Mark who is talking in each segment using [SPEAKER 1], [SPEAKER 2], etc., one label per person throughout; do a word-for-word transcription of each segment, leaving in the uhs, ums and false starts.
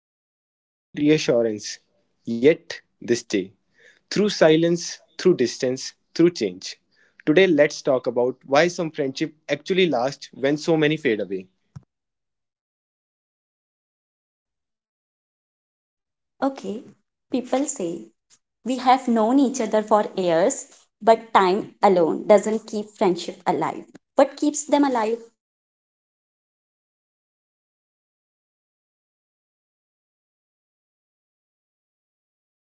[SPEAKER 1] They don't need constant reassurance. Yet they stay. Through silence, through distance, through change. Today let's talk about why some friendship actually last when so many fade away.
[SPEAKER 2] Okay, people say we have known each other for years, but time alone doesn't keep friendship alive. What keeps them alive is efforts, checking in without a reason, listening without trying to fix, and staying even when life gets busy.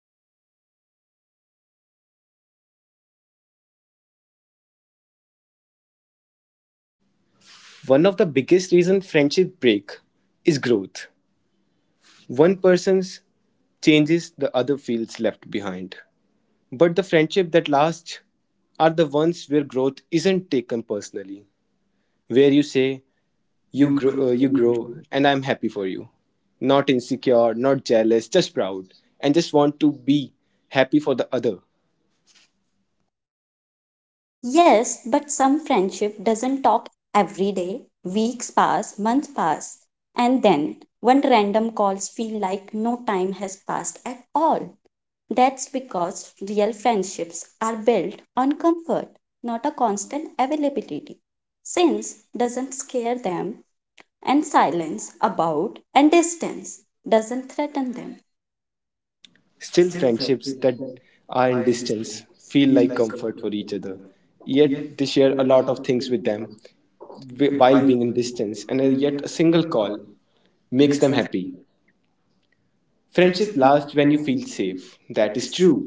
[SPEAKER 2] Real friends doesn't disappear when things convenient.
[SPEAKER 1] One
[SPEAKER 2] One
[SPEAKER 1] of
[SPEAKER 2] of
[SPEAKER 1] the
[SPEAKER 2] the
[SPEAKER 1] biggest
[SPEAKER 2] biggest
[SPEAKER 1] reasons
[SPEAKER 2] reasons
[SPEAKER 1] friendship
[SPEAKER 2] friendship break
[SPEAKER 1] break is
[SPEAKER 2] is
[SPEAKER 1] growth.
[SPEAKER 2] growth.
[SPEAKER 1] One
[SPEAKER 2] One
[SPEAKER 1] person's
[SPEAKER 2] person's
[SPEAKER 1] changes
[SPEAKER 2] changes
[SPEAKER 1] the
[SPEAKER 2] the
[SPEAKER 1] other feels
[SPEAKER 2] feels
[SPEAKER 1] left
[SPEAKER 2] left
[SPEAKER 1] behind.
[SPEAKER 2] behind.
[SPEAKER 1] But the friendship that
[SPEAKER 2] At
[SPEAKER 1] lasts
[SPEAKER 2] last
[SPEAKER 1] are the
[SPEAKER 2] the
[SPEAKER 1] ones
[SPEAKER 2] ones
[SPEAKER 1] where
[SPEAKER 2] where
[SPEAKER 1] growth
[SPEAKER 2] growth
[SPEAKER 1] isn't
[SPEAKER 2] isn't
[SPEAKER 1] taken
[SPEAKER 2] taken
[SPEAKER 1] personally,
[SPEAKER 2] personally,
[SPEAKER 1] where
[SPEAKER 2] where
[SPEAKER 1] you
[SPEAKER 2] you
[SPEAKER 1] say,
[SPEAKER 2] say
[SPEAKER 1] You
[SPEAKER 2] you
[SPEAKER 1] grow,
[SPEAKER 2] grow.
[SPEAKER 1] uh, you grow, and I'm happy for you. Not insecure, not jealous, just proud, and just want to be happy for the other.
[SPEAKER 2] Yes, but some friendship doesn't talk every day. Weeks pass, months pass, and then one random calls feel like no time has passed at all. That's because real friendships are built on comfort, not a constant availability. Since doesn't scare them, and silence about and distance doesn't threaten them.
[SPEAKER 1] Still, friendships that are in distance feel
[SPEAKER 2] Feel.
[SPEAKER 1] like comfort for each other. Yet they share a lot of things with them wh-
[SPEAKER 2] Why
[SPEAKER 1] while
[SPEAKER 2] them
[SPEAKER 1] being in
[SPEAKER 2] wi- this thing.
[SPEAKER 1] distance, and uh,
[SPEAKER 2] And then you
[SPEAKER 1] yet a
[SPEAKER 2] get a
[SPEAKER 1] single
[SPEAKER 2] single call,
[SPEAKER 1] call makes
[SPEAKER 2] makes
[SPEAKER 1] them
[SPEAKER 2] them happy.
[SPEAKER 1] happy. Friendship
[SPEAKER 2] Friendship
[SPEAKER 1] lasts
[SPEAKER 2] lasts
[SPEAKER 1] when
[SPEAKER 2] when
[SPEAKER 1] you
[SPEAKER 2] you
[SPEAKER 1] feel
[SPEAKER 2] feel safe.
[SPEAKER 1] safe. That is true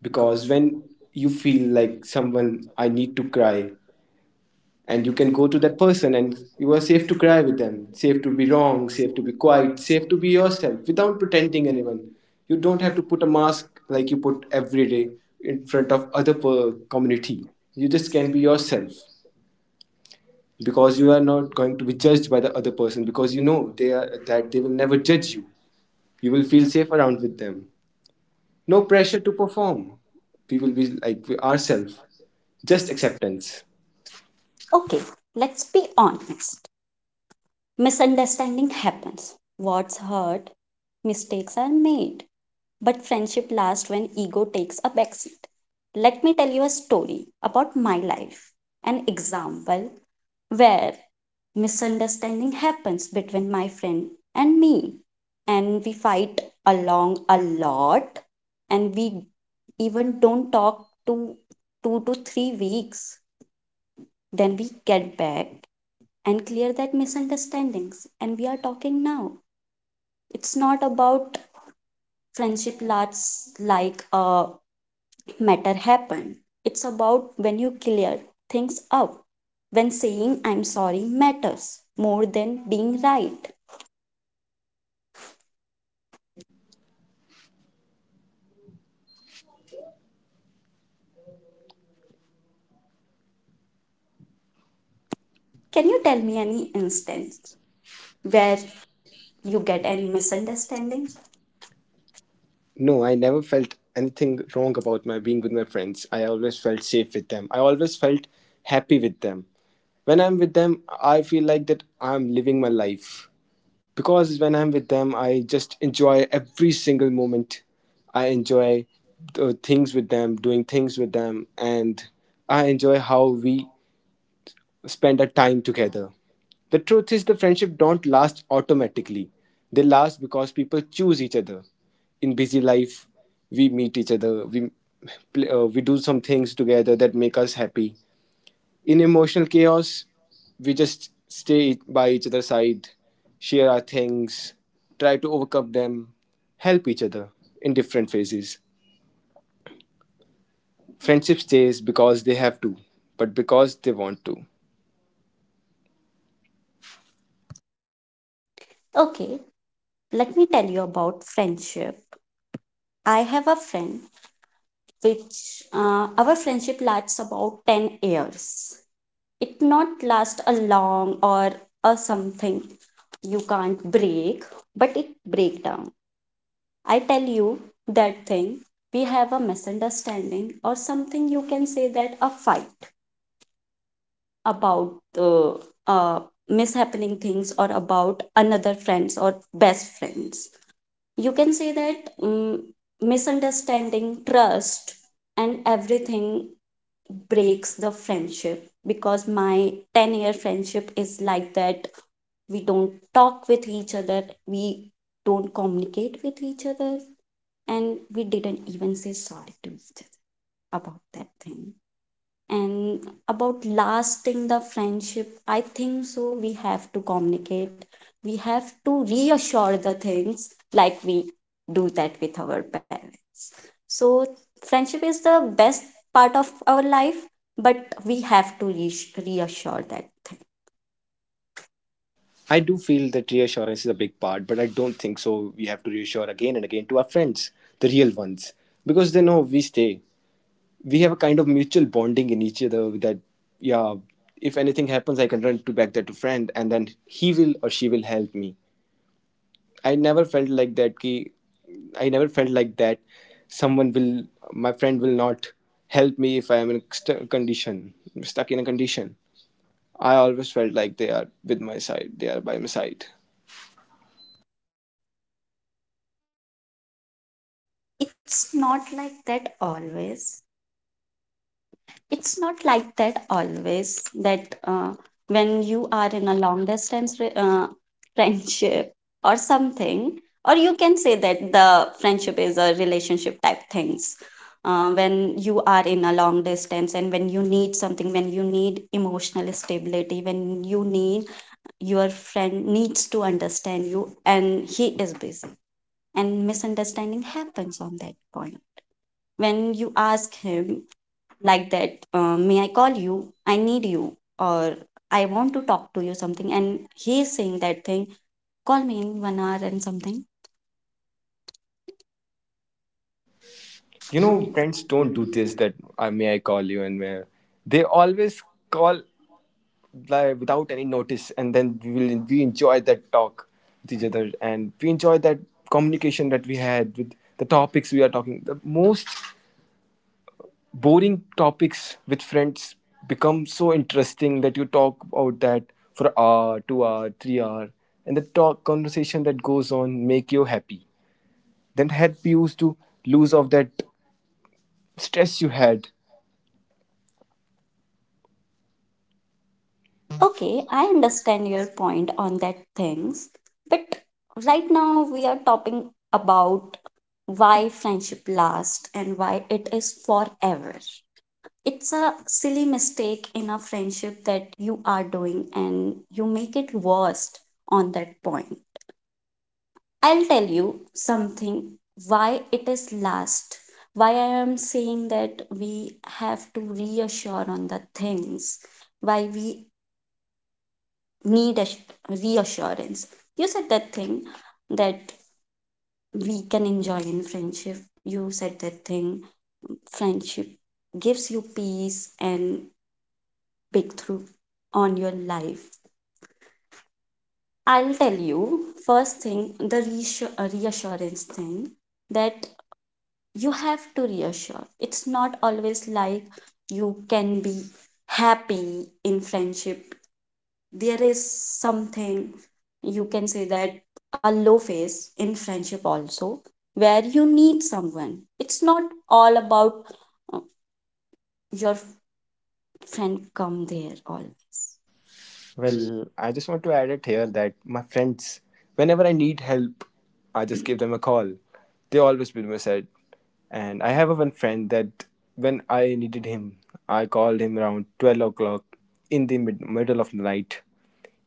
[SPEAKER 1] because when you
[SPEAKER 2] You
[SPEAKER 1] feel
[SPEAKER 2] feel like
[SPEAKER 1] like someone, I need to cry, and you can go to that person, and you are safe to
[SPEAKER 2] you
[SPEAKER 1] cry
[SPEAKER 2] are
[SPEAKER 1] with
[SPEAKER 2] with
[SPEAKER 1] them,
[SPEAKER 2] them. You
[SPEAKER 1] safe
[SPEAKER 2] have
[SPEAKER 1] to
[SPEAKER 2] to
[SPEAKER 1] be
[SPEAKER 2] be
[SPEAKER 1] wrong,
[SPEAKER 2] wrong, you
[SPEAKER 1] safe
[SPEAKER 2] have
[SPEAKER 1] to
[SPEAKER 2] to
[SPEAKER 1] be
[SPEAKER 2] be quiet,
[SPEAKER 1] quiet,
[SPEAKER 2] you
[SPEAKER 1] safe
[SPEAKER 2] have
[SPEAKER 1] to
[SPEAKER 2] to
[SPEAKER 1] be
[SPEAKER 2] be
[SPEAKER 1] yourself
[SPEAKER 2] yourself
[SPEAKER 1] without
[SPEAKER 2] without
[SPEAKER 1] pretending
[SPEAKER 2] pretending
[SPEAKER 1] anyone.
[SPEAKER 2] anyone.
[SPEAKER 1] You don't have to put a mask like
[SPEAKER 2] Like
[SPEAKER 1] you
[SPEAKER 2] you put
[SPEAKER 1] put every day in
[SPEAKER 2] in
[SPEAKER 1] front
[SPEAKER 2] front of
[SPEAKER 1] of other per- community. You
[SPEAKER 2] you,
[SPEAKER 1] just
[SPEAKER 2] just
[SPEAKER 1] can
[SPEAKER 2] can't
[SPEAKER 1] be
[SPEAKER 2] be yourself
[SPEAKER 1] yourself because
[SPEAKER 2] because
[SPEAKER 1] you
[SPEAKER 2] you
[SPEAKER 1] are
[SPEAKER 2] are
[SPEAKER 1] not
[SPEAKER 2] not
[SPEAKER 1] going
[SPEAKER 2] going
[SPEAKER 1] to
[SPEAKER 2] to
[SPEAKER 1] be
[SPEAKER 2] be good,
[SPEAKER 1] judged by the other person,
[SPEAKER 2] because
[SPEAKER 1] because you
[SPEAKER 2] you
[SPEAKER 1] know
[SPEAKER 2] know they
[SPEAKER 1] they are
[SPEAKER 2] are
[SPEAKER 1] that
[SPEAKER 2] attracted.
[SPEAKER 1] they
[SPEAKER 2] They
[SPEAKER 1] will
[SPEAKER 2] will
[SPEAKER 1] never
[SPEAKER 2] never change.
[SPEAKER 1] judge you. You
[SPEAKER 2] You
[SPEAKER 1] will
[SPEAKER 2] will be
[SPEAKER 1] feel safe around with them. No pressure to perform. We
[SPEAKER 2] you will
[SPEAKER 1] will be
[SPEAKER 2] be
[SPEAKER 1] like ourselves. Just
[SPEAKER 2] just accept.
[SPEAKER 1] acceptance.
[SPEAKER 2] Okay, let's be honest. Misunderstanding happens. Words hurt, mistakes are made. But friendship lasts when ego takes a backseat. Let me tell you a story about my life, an example where misunderstanding happens between my friend and me, and we fight along a lot, and we even don't talk to two to three weeks. Then we get back and clear that misunderstandings, and we are talking now. It's not about friendship lasts like a matter happen. It's about when you clear things up, when saying I'm sorry matters more than being right. Can you tell me any instance where you get any misunderstanding?
[SPEAKER 1] No, I never felt anything wrong about my being with my friends. I always felt safe with them. I always felt happy with them. When I'm with them, I feel like that I'm living my life. Because when I'm with them, I just enjoy every single moment. I enjoy uh, things with them, doing things with them, and I enjoy how we spend our time together. The truth is the friendship don't last automatically. They last because people choose each other. In busy life, we meet each other. We play, uh, we do some things together that make us happy. In emotional chaos, we just stay by each other's side, share our things, try to overcome them, help each other in different phases. Friendship stays because they have to, but because they want to.
[SPEAKER 2] Okay, let me tell you about friendship. I have a friend which uh, our friendship lasts about ten years. It not last a long or a something you can't break, but it break down. I tell you that thing, we have a misunderstanding or something you can say that a fight about uh, uh, mishappening things or about another friends or best friends. You can say that mm misunderstanding, trust, and everything breaks the friendship, because my ten year friendship is like that. We don't talk with each other, we don't communicate with each other, and we didn't even say sorry to each other about that thing. And about lasting the friendship, I think so we have to communicate, we have to reassure the things like we do that with our parents. So friendship is the best part of our life, but we have to reass- reassure that thing.
[SPEAKER 1] I do feel that reassurance is a big part, but I don't think so. We have to reassure again and again to our friends, the real ones, because they know we stay. We have a kind of mutual bonding in each other that, yeah, if anything happens, I can run to back there to friend, and then he will or she will help me. I never felt like that. Ki, I never felt like that. Someone will, my friend will not help me if I am in a st- condition, stuck in a condition. I always felt like they are with my side, they are by my side.
[SPEAKER 2] It's not like that always, it's not like that always that uh, when you are in a long distance re- uh, friendship or something, or you can say that the friendship is a relationship type things. Uh, when you are in a long distance and when you need something, when you need emotional stability, when you need your friend needs to understand you and he is busy, and misunderstanding happens on that point. When you ask him like that, uh, may I call you, I need you, or I want to talk to you something, and he is saying that thing, call me in one hour and something.
[SPEAKER 1] You
[SPEAKER 2] You
[SPEAKER 1] know
[SPEAKER 2] know,
[SPEAKER 1] friends don't do this, that I, may I call you and may I-" they always call like without any notice, and then we will we enjoy that talk with each other, and we enjoy that communication that we had. With the topics we are talking, the most boring topics with friends become so interesting that you talk about that for hour, two hour, three hour. And the talk conversation that goes on make you happy, then help you to lose off that stress you had.
[SPEAKER 2] okay, I understand your point on that things, but right now we are talking about why friendship lasts and why it is forever. It's a silly mistake in a friendship that you are doing, and you make it worst on that point. I'll tell you something, why it is last, why I am saying that we have to reassure on the things, why we need a reassurance. You said that thing that we can enjoy in friendship. You said that thing, friendship gives you peace and breakthrough on your life. I'll tell you first thing the reassur- reassurance thing, that you have to reassure. It's not always like you can be happy in friendship. There is something you can say that a low phase in friendship also, where you need someone. It's not all about uh, your friend come there always.
[SPEAKER 1] Well, I just want to add it here that my friends, whenever I need help, I just give them a call. They always been my side. And I have a one friend that when I needed him, I called him around twelve o'clock in the mid- middle of the night.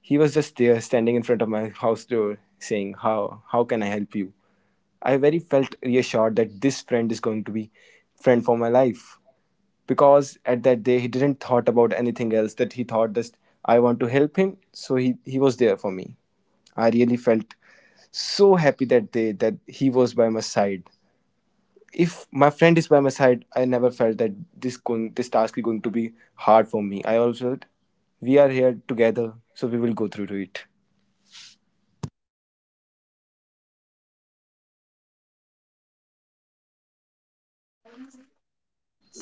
[SPEAKER 1] He was just there standing in front of my house door, saying, How, how can I help you? I very felt reassured that this friend is going to be friend for my life, because at that day he didn't thought about anything else, that he thought just I want to help him. So he, he was there for me. I really felt so happy that day that he was by my side. If my friend is by my side, I never felt that this going this task is going to be hard for me. I also felt we are here together, so we will go through to it.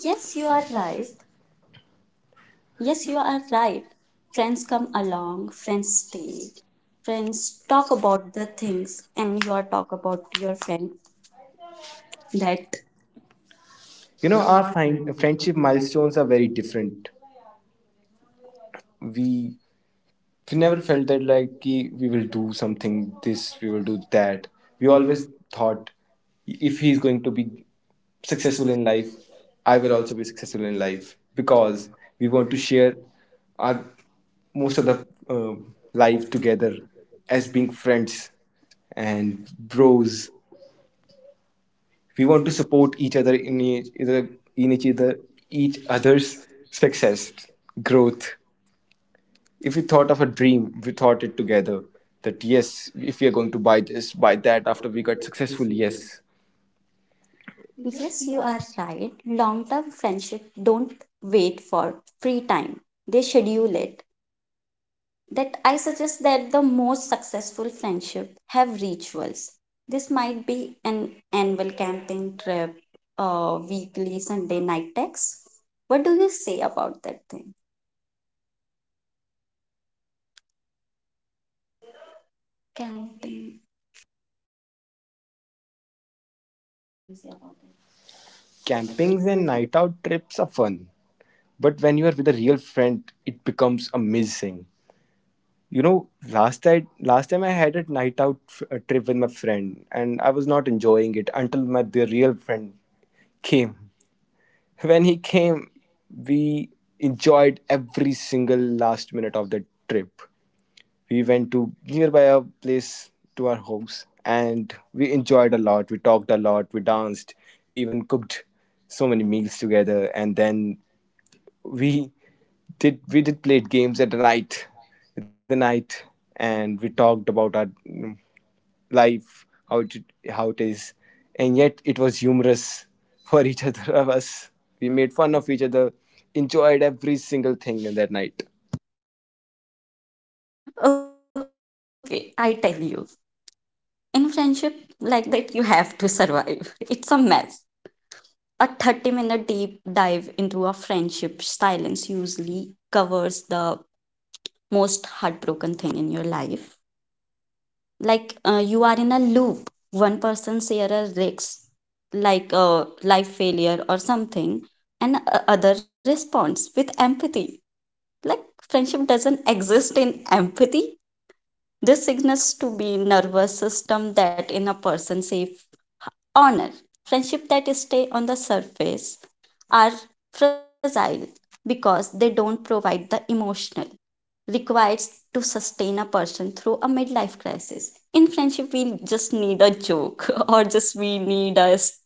[SPEAKER 2] Yes, you are right. Yes, you are right. Friends come along, friends stay, friends talk about the things, and you are talk about your friend that.
[SPEAKER 1] You
[SPEAKER 2] You
[SPEAKER 1] know, our
[SPEAKER 2] know,
[SPEAKER 1] find, friendship milestones are very different. We we never felt that like ki, we will do something this, we will do that. We always thought if
[SPEAKER 2] if
[SPEAKER 1] he's
[SPEAKER 2] he's
[SPEAKER 1] going to
[SPEAKER 2] like
[SPEAKER 1] be successful in life, I will also be successful in life, because we want to share our most
[SPEAKER 2] most
[SPEAKER 1] of the
[SPEAKER 2] of,
[SPEAKER 1] uh, life together, as being friends and
[SPEAKER 2] and
[SPEAKER 1] bros. We
[SPEAKER 2] we
[SPEAKER 1] want
[SPEAKER 2] want
[SPEAKER 1] to
[SPEAKER 2] to support
[SPEAKER 1] support
[SPEAKER 2] the,
[SPEAKER 1] each
[SPEAKER 2] the,
[SPEAKER 1] other in each
[SPEAKER 2] the, right,
[SPEAKER 1] in each
[SPEAKER 2] the
[SPEAKER 1] other each other's
[SPEAKER 2] others' success,
[SPEAKER 1] success,
[SPEAKER 2] growth.
[SPEAKER 1] growth. If
[SPEAKER 2] If
[SPEAKER 1] we
[SPEAKER 2] we
[SPEAKER 1] thought
[SPEAKER 2] thought
[SPEAKER 1] of
[SPEAKER 2] of
[SPEAKER 1] a
[SPEAKER 2] a
[SPEAKER 1] dream,
[SPEAKER 2] dream,
[SPEAKER 1] we
[SPEAKER 2] we
[SPEAKER 1] thought
[SPEAKER 2] thought
[SPEAKER 1] it
[SPEAKER 2] it
[SPEAKER 1] together.
[SPEAKER 2] together. That
[SPEAKER 1] That
[SPEAKER 2] yes,
[SPEAKER 1] yes, if we are
[SPEAKER 2] we are
[SPEAKER 1] going
[SPEAKER 2] going
[SPEAKER 1] to
[SPEAKER 2] to
[SPEAKER 1] buy
[SPEAKER 2] buy this,
[SPEAKER 1] this, buy
[SPEAKER 2] buy
[SPEAKER 1] that
[SPEAKER 2] that,
[SPEAKER 1] after
[SPEAKER 2] after
[SPEAKER 1] we
[SPEAKER 2] we
[SPEAKER 1] got
[SPEAKER 2] get successful,
[SPEAKER 1] successful,
[SPEAKER 2] yes.
[SPEAKER 1] yes.
[SPEAKER 2] Yes, you are right. Long term friendship don't wait for free time, they schedule it. That I suggest that the most successful friendship have rituals. This might be an annual camping trip, uh, weekly Sunday night text. What do you say about that thing? Camping.
[SPEAKER 1] Campings
[SPEAKER 2] Camping?
[SPEAKER 1] and night out trips are fun, but when you are with a real friend, it becomes amazing. You know, last I last time I had a night out f- a trip with my friend, and I was not enjoying it until my the real friend came. When he came, we enjoyed every single last minute of the trip. We went to nearby a place to our house, and we enjoyed a lot. We talked a lot. We danced. We even cooked so many meals together. And then we did we did play games at the night, at the night, and we talked about our mm, life, how it how it is, and yet it was humorous for each other of us. We made fun of each other, enjoyed every single thing in that night.
[SPEAKER 2] Okay, I tell you. In friendship like that, you have to survive. It's a mess. A thirty minute deep dive into a friendship silence usually covers the most heartbroken thing in your life. Like uh, you are in a loop, one person share a risk like a life failure or something, and uh, other responds with empathy. Like friendship doesn't exist in empathy, this signals to be nervous system that in a person safe. Honor friendship that stay on the surface are fragile, because they don't provide the emotional required to sustain a person through a midlife crisis. In friendship, we just need a joke or just we need a s-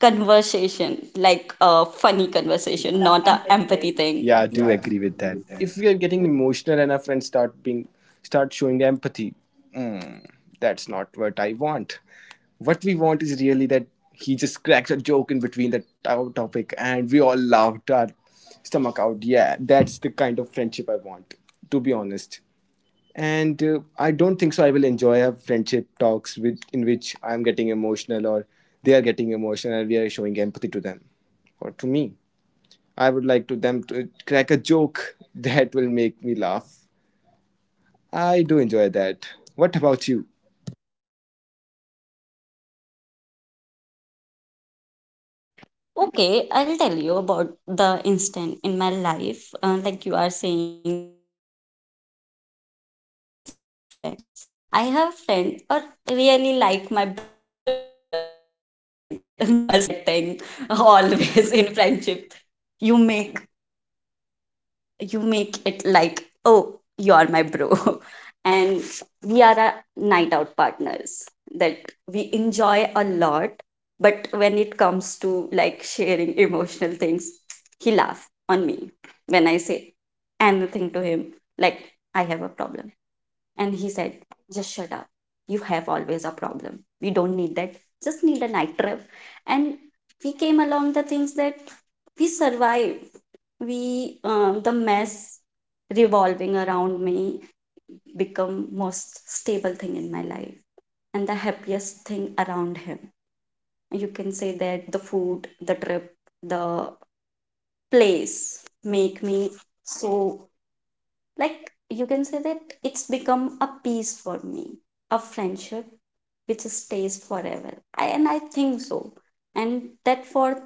[SPEAKER 2] conversation, like a funny conversation, not a empathy thing.
[SPEAKER 1] Yeah, I do
[SPEAKER 2] Yeah, I do
[SPEAKER 1] agree with
[SPEAKER 2] agree
[SPEAKER 1] that.
[SPEAKER 2] with that.
[SPEAKER 1] If we are getting emotional and our friends start being start showing empathy, mm, that's not what I want. What we want is really that he just cracks a joke in between the to- topic, and we all laughed our stomach out. Yeah, that's the kind of friendship I want, to be honest. And uh, I don't think so. I will enjoy a friendship talks with, in which I'm getting emotional, or they are getting emotional and we are showing empathy to them or to me. I would like to them to crack a joke that will make me laugh. I do enjoy that. What about you?
[SPEAKER 2] Okay, I'll tell you about the instant in my life. Uh, like you are saying, you are cracking jokes with friends. I have a friend or really like my brother. You can say that girls like that thing always in friendship. you make you make it like, oh, you are my bro, and we are a night out partners that we enjoy a lot. But when it comes to like sharing emotional things, he laughs on me when I say anything to him, like I have a problem, and he said just shut up, you have always a problem, we don't need that, just need a night trip. And we came along the things that we survive. We um, the mess revolving around me become most stable thing in my life, and the happiest thing around him. You can say that the food, the trip, the place make me so, like you can say that it's become a peace for me. A friendship which stays forever, I, and I think so. And that for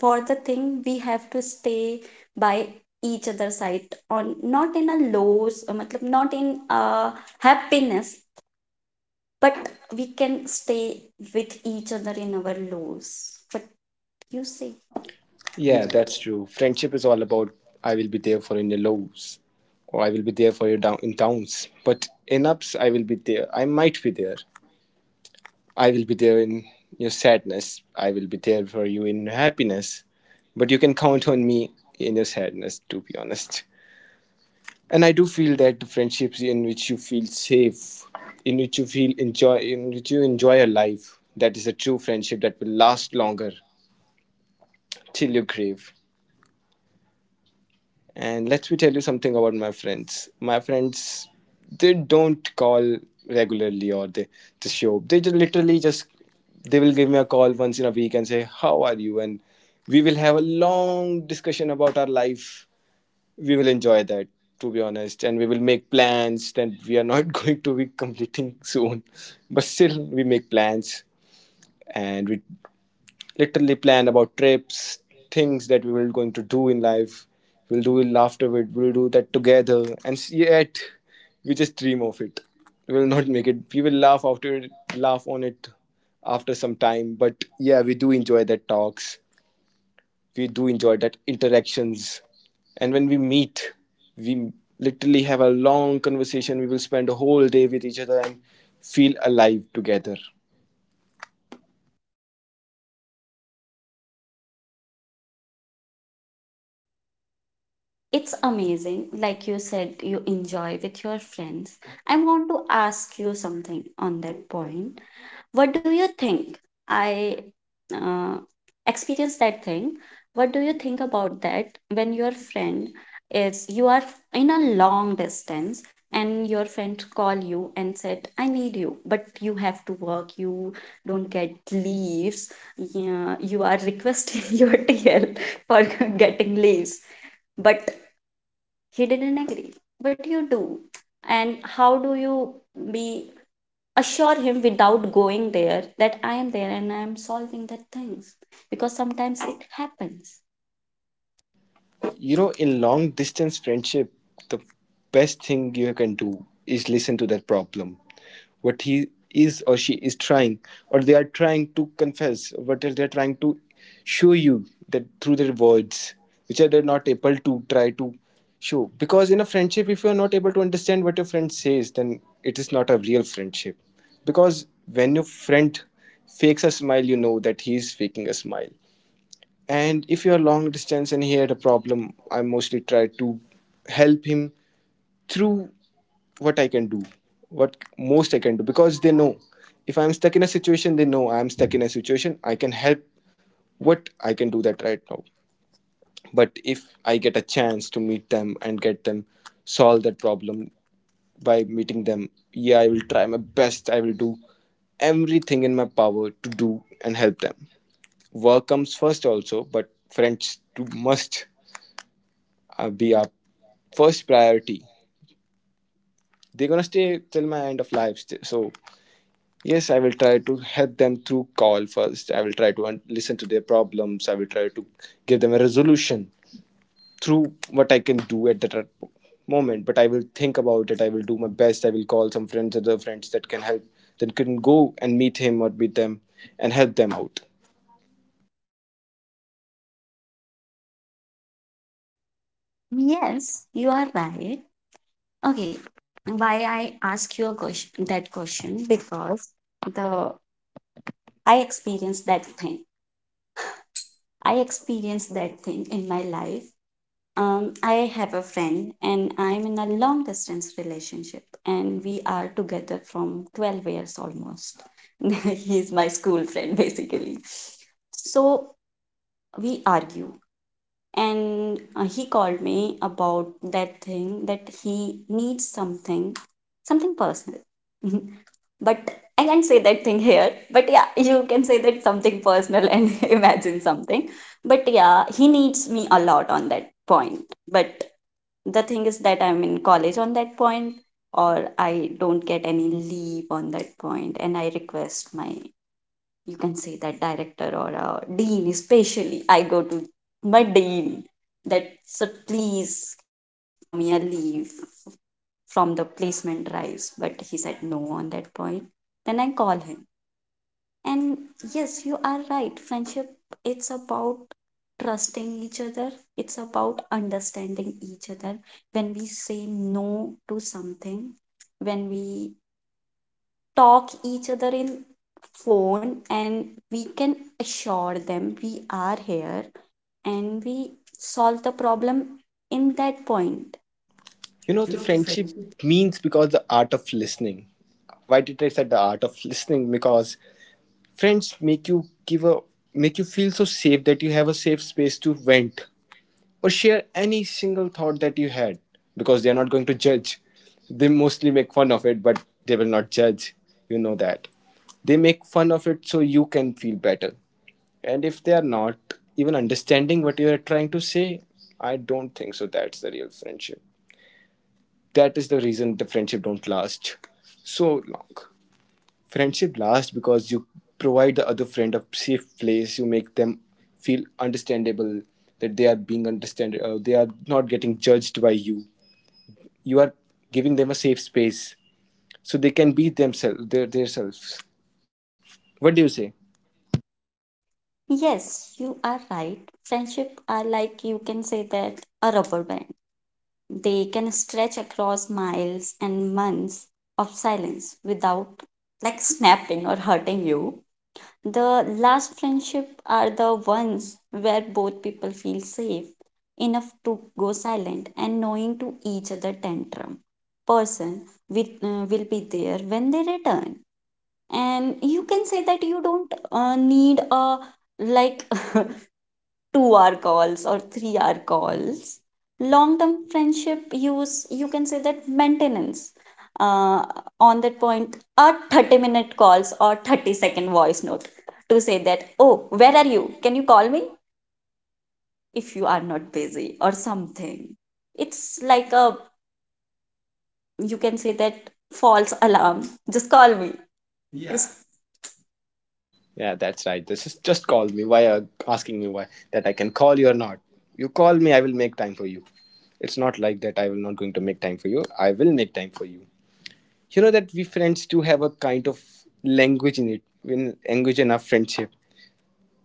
[SPEAKER 2] for the thing, we have to stay by each other side, on not in a lows, uh, matlab, not in a happiness, but we can stay with each other in our lows. But you see.
[SPEAKER 1] Yeah,
[SPEAKER 2] Yeah,
[SPEAKER 1] that's
[SPEAKER 2] that-
[SPEAKER 1] true. Friendship is all about I will be there for in your lows, or I will be there for your down in downs. But in ups, I will be there. I might be there. I will be there in your sadness. I will be there for you in happiness. But you can count on me in your sadness, to be honest. And I do feel that the friendships in which you feel safe, in which you feel enjoy, in which you enjoy your life, that is a true friendship that will last longer, till your grave. And let me tell you something about my friends my friends they don't call regularly, or they just show up. They just literally just they will give me a call once in a week, and say, how are you? And we will have a long discussion about our life. We will enjoy that, to be honest. And we will make plans that we are not going to be completing soon, but still we make plans. And we literally plan about trips, things that we will going to do in life. We'll do it afterward, we'll do that together. And yet we just dream of it, we will not make it. We will laugh after laugh on it after some time. But yeah, we do enjoy that talks, we do enjoy that interactions. And when we meet, we literally have a long conversation. We will spend a whole day with each other and feel alive together.
[SPEAKER 2] it's amazing like you said you enjoy with your friends. I want to ask you something on that point. What do you think? I uh, experience that thing. What do you think about that, when your friend is, you are in a long distance, and your friend call you and said I need you, but you have to work, you don't get leaves. Yeah, you are requesting your TL for getting leaves, but he didn't agree. What do you do, and how do you be assure him without going there, that I am there and I am solving the things, because sometimes it happens.
[SPEAKER 1] You know, in long distance friendship, the best thing you can do is listen to that problem, what he is or she is trying, or they are trying to confess, what else they're trying to show you that through their words, which are they're not able to try to show. Because in a friendship, if you're not able to understand what your friend says, then it is not a real friendship. Because when your friend fakes a smile, you know that he is faking a smile. And if you're long distance and he had a problem, I mostly try to help him through what I can do, what most I can do, because they know if I'm stuck in a situation, they know I'm stuck in a situation. I can help what I can do that right now. But if I get a chance to meet them and get them solve that problem by meeting them, yeah, I will try my best. I will do everything in my power to do and help them. Work comes first also, but friends too must uh, be our first priority. They're gonna stay till my end of life, st- so yes, I will try to help them through call first. I will try to un- listen to their problems. I will try to give them a resolution through what I can do at that moment. But I will think about it. I will do my best. I will call some friends, other friends that can help, that can go and meet him or meet them and help them out.
[SPEAKER 2] Yes, you are right. Okay, why I ask you a question, that question, because the I experienced that thing. I experienced that thing in my life. Um, I have a friend and I'm in a long distance relationship, and we are together from twelve years almost. He's my school friend basically. So we argue, and uh, he called me about that thing that he needs something, something personal. But I can't say that thing here, but yeah, you can say that something personal and imagine something. But yeah, he needs me a lot on that point. But the thing is that I'm in college on that point, or I don't get any leave on that point. And I request my, you can say that director or uh, dean, especially I go to my dean that sir, please allow me a leave from the placement drives, but he said no on that point. Then I call him, and yes, you are right, friendship, it's about trusting each other, it's about understanding each other, when we say no to something, when we talk each other in phone, and we can assure them we are here, and we solve the problem in that point.
[SPEAKER 1] You know,
[SPEAKER 2] You
[SPEAKER 1] the
[SPEAKER 2] know, the-
[SPEAKER 1] friendship means because the art of listening. Why did I say the art of listening? Because friends make you give a make you feel so safe that you have a safe space to vent or share any single thought that you had because they are not going to judge. They mostly make fun of it, but they will not judge. You know that. They make fun of it so you can feel better. And if they are not even understanding what you are trying to say, I don't think so. That's the real friendship. That is the reason the friendship don't last so long. Friendship lasts because you provide the other friend a safe place. You make them feel understandable, that they are being understood. Uh, they are not getting judged by you. You are giving them a safe space so they can be themselves, their their selves. What do you say?
[SPEAKER 2] Yes, you are right. Friendship are like you can say that a rubber band. They can stretch across miles and months of silence without like snapping or hurting you. The last friendship are the ones where both people feel safe enough to go silent and knowing to each other tantrum person with uh, will be there when they return. And you can say that you don't uh, need a like two hour calls or three hour calls. Long term friendship use you can say that maintenance uh, on that point are thirty minute calls or thirty second voice note to say that oh where are you, can you call me if you are not busy or something. It's like a you can say that false alarm, just call me. Yeah. Just-
[SPEAKER 1] Yeah, that's right. This is just call me. Why are asking me why that I can call you or not? You call me, I will make time for you. It's not like that. I will not going to make time for you. I will make time for you. You know that we friends do have a kind of language in it, in language in our friendship.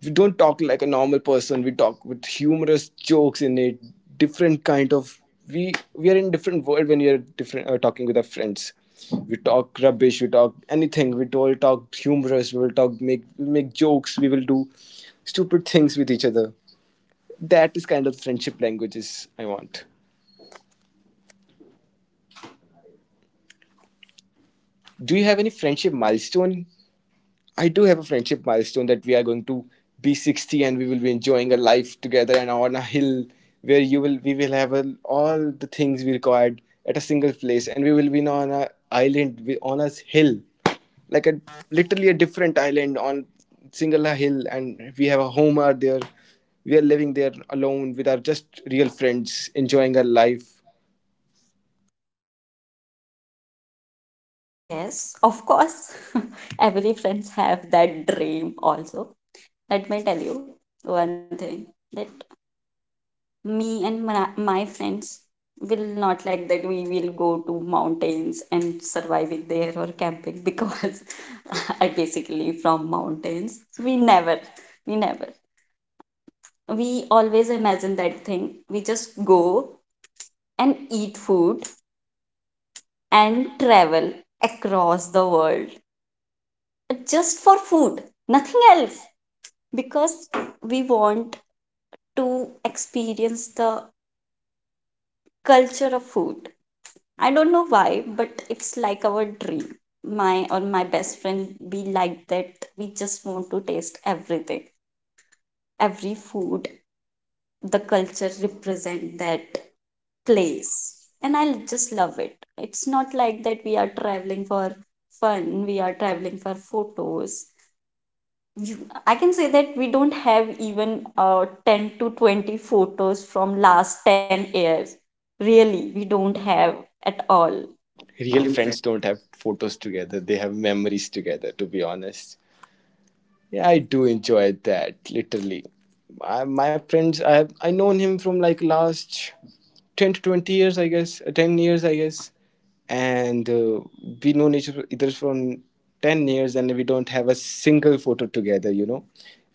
[SPEAKER 1] We don't talk like a normal person, we talk with humorous jokes in it, different kind of. We we are in different world when we are different uh, talking with our friends. We talk rubbish, we talk anything, we all talk humorous, we will talk, make make jokes, we will do stupid things with each other. That is kind of friendship languages. I want, do you have any friendship milestone? I do have a friendship milestone that we are going to be sixty and we will be enjoying a life together and on a hill where you will we will have a, all the things we required at a single place, and we will be on a island, wi- on a hill, like a, literally a different island on single hill, and we have a home out there. We are living there alone with our just real friends, enjoying our life.
[SPEAKER 2] yes, of course. Every friends have that dream also. Let me tell you one thing, that me and my, my friends will not like that. We will go to mountains and surviving there or camping because I basically from mountains. We never we never we always imagine that thing, we just go and eat food and travel across the world just for food, nothing else, because we want to experience the culture of food. I don't know why, but it's like our dream. My or my best friend, we like that. We just want to taste everything, every food, the culture represent that place, and I just love it. It's not like that we are traveling for fun. We are traveling for photos. You, I can say that we don't have even uh, ten to twenty photos from last ten years. Really, we don't have at all.
[SPEAKER 1] Real friends don't have photos together, they have memories together, to be honest. Yeah, I do enjoy that. Literally, I, my friends, I have I known him from like last ten to twenty years, I guess, uh, ten years, I guess, and uh, we known each other from ten years, and we don't have a single photo together. You know,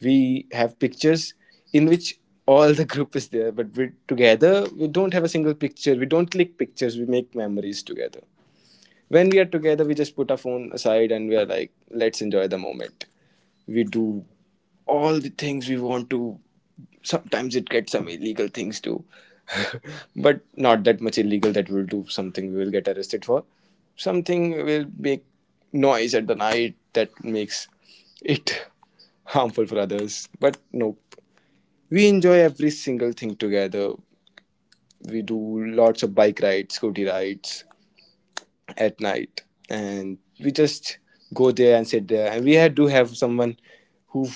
[SPEAKER 1] we have pictures in which all the group is there, but we together we don't have a single picture. We don't click pictures. We make memories together. When we are together, we just put our phone aside and we are like, let's enjoy the moment. We do all the things we want to. Sometimes it gets some illegal things too, but not that much illegal that we'll do something we will get arrested for. Something will make noise at the night that makes it harmful for others, but no, we enjoy every single thing together. We do lots of bike rides, scooty rides at night, and we just go there and sit there, and we had to have someone who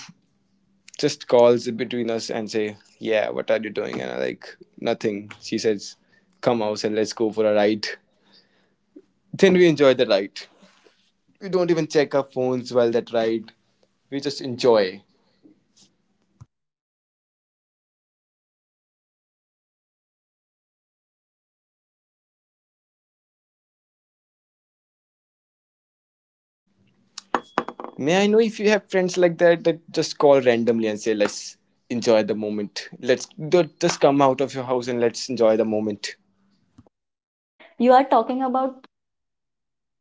[SPEAKER 1] just calls between us and say, "Yeah, what are you doing?" And I like, nothing. She says, "Come out and let's go for a ride." Then we enjoy the ride. We don't even check our phones while that ride. We just enjoy. May I know if you have friends like that, that just call randomly and say, "Let's enjoy the moment. Let's d- just come out of your house and let's enjoy the moment."
[SPEAKER 2] You are talking about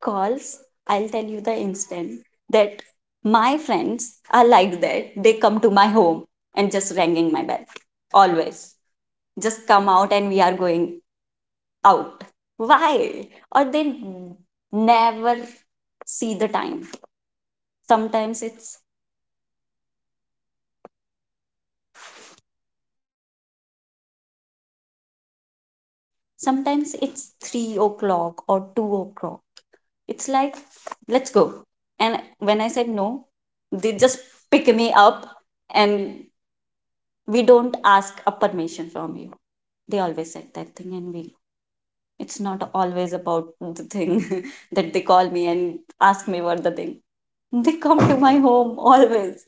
[SPEAKER 2] calls, I'll tell you the instant that my friends are like that. They come to my home and just ringing my bell. Always. Just come out and we are going out. Why? Or they never see the time. Sometimes it's sometimes it's three o'clock or two o'clock. It's like let's go. And when I said no, they just pick me up, and we don't ask a permission from you. They always said that thing and we, it's not always about the thing that they call me and ask me what the thing. They come to my home always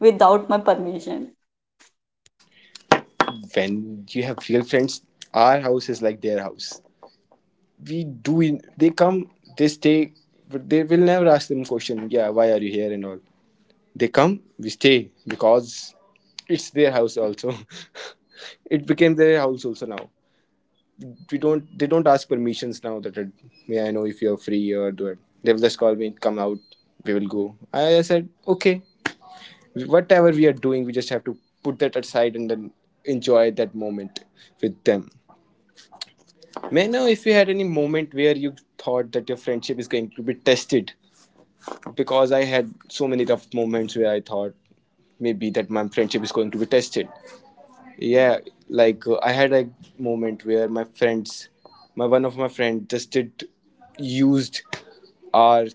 [SPEAKER 2] without my permission.
[SPEAKER 1] When you have real friends, our house is like their house. We do in, they come, they stay, but they will never ask them question, yeah, why are you here and all. They come, we stay, because it's their house also. it became their house also now. We don't They don't ask permissions now, that uh, may I know if you're free or do it. They will just call me, come out, we will go. I said okay, whatever we are doing we just have to put that aside and then enjoy that moment with them. May I know if you had any moment where you thought that your friendship is going to be tested? Because I had so many rough moments where I thought maybe that my friendship is going to be tested. Yeah, like uh, I had a moment where my friends, my one of my friend just did used our.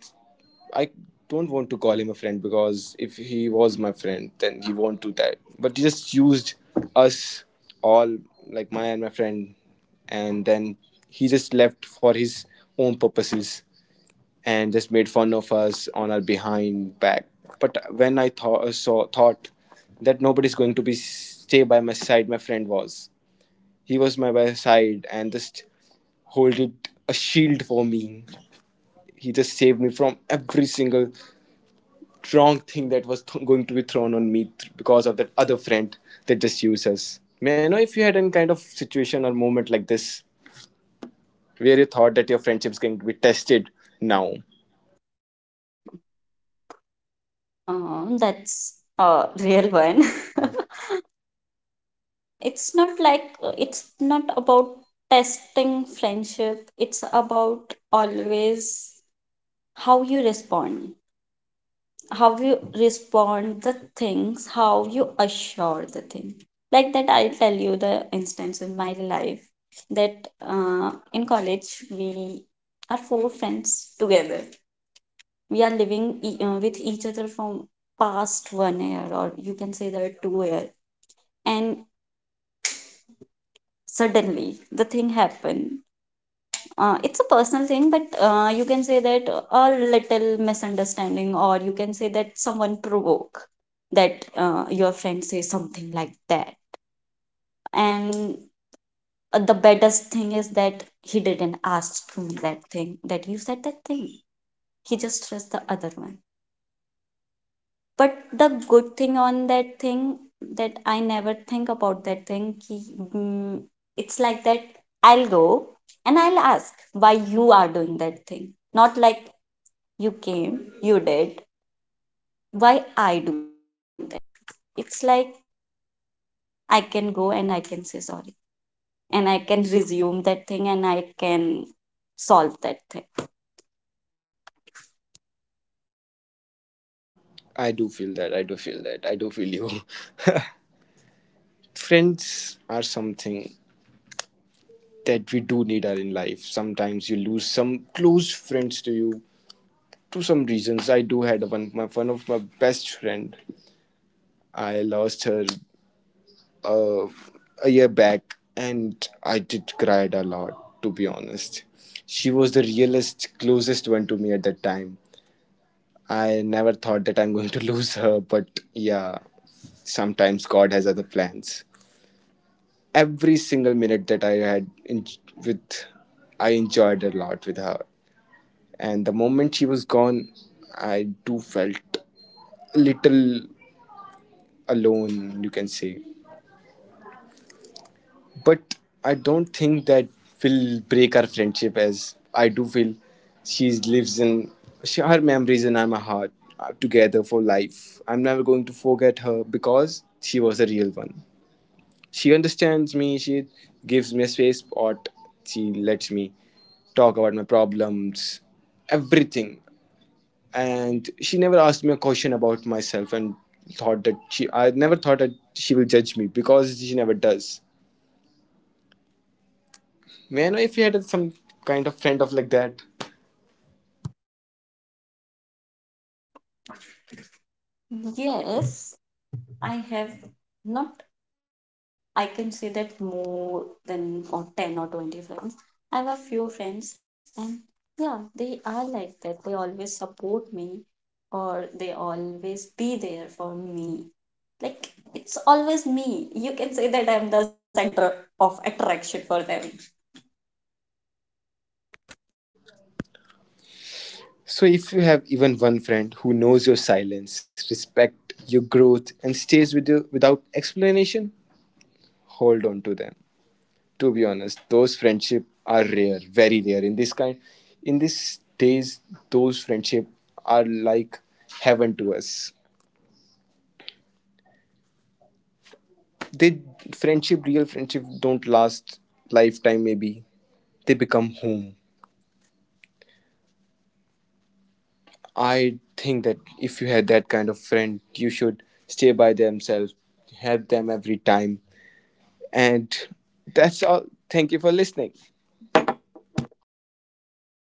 [SPEAKER 1] I don't want to call him a friend, because if he was my friend, then he won't do that. But he just used us all, like my and my friend, and then he just left for his own purposes and just made fun of us on our behind back. But when I thought saw thought that nobody's going to be stay by my side, my friend was. He was my by side and just holded a shield for me. He just saved me from every single wrong thing that was th- going to be thrown on me th- because of that other friend that just used us. May I know if you had any kind of situation or moment like this where you thought that your friendship's going to be tested now?
[SPEAKER 2] uh, That's a real one. It's not like, it's not about testing friendship, it's about always how you respond, how you respond the things, how you assure the thing. Like that, I'll tell you the instance in my life, that uh, in college we are four friends together. We are living e- uh, with each other from past one year, or you can say that two year. And suddenly the thing happened. Uh, it's a personal thing, but uh, you can say that a little misunderstanding, or you can say that someone provoke that uh, your friend say something like that. And uh, the baddest thing is that he didn't ask me that thing, that you said that thing. He just stressed the other one. But the good thing on that thing, that I never think about that thing ki, mm, it's like that, I'll go and I'll ask why you are doing that thing. Not like you came, you did. Why I do that thing? It's like I can go and I can say sorry, and I can resume that thing, and I can solve that thing.
[SPEAKER 1] I do feel that. I do feel that. I do feel you. friends are something that we do need are in life. Sometimes you lose some close friends to you to some reasons. I do had one, my one of my best friend, I lost her, uh, a year back, and I did cried a lot, to be honest. She was the realest closest one to me at that time. I never thought that I'm going to lose her, but yeah, sometimes god has other plans. Every single minute that I had in- with, I enjoyed a lot with her. And the moment she was gone, I do felt a little alone, you can say. But I don't think that will break our friendship, as I do feel she lives in, she, her memories and I'm a heart are together for life. I'm never going to forget her because she was a real one. She understands me, she gives me a space spot, she lets me talk about my problems, everything. And she never asked me a question about myself and thought that she I never thought that she will judge me because she never does. May I know if you had some kind of friend of like that?
[SPEAKER 2] Yes, I have not, I can say that more than or ten or twenty friends. I have a few friends and yeah, they are like that. They always support me or they always be there for me. Like it's always me. You can say that I'm the center of attraction for them.
[SPEAKER 1] So if you have even one friend who knows your silence, respect your growth and stays with you without explanation, hold on to them. To be honest, those friendship are rare, very rare, in this kind, in these days. Those friendship are like heaven to us. They Friendship, real friendship, don't last lifetime, maybe they become home. I think that if you had that kind of friend you should stay by themselves, help them every time, and that's all. Thank you for listening.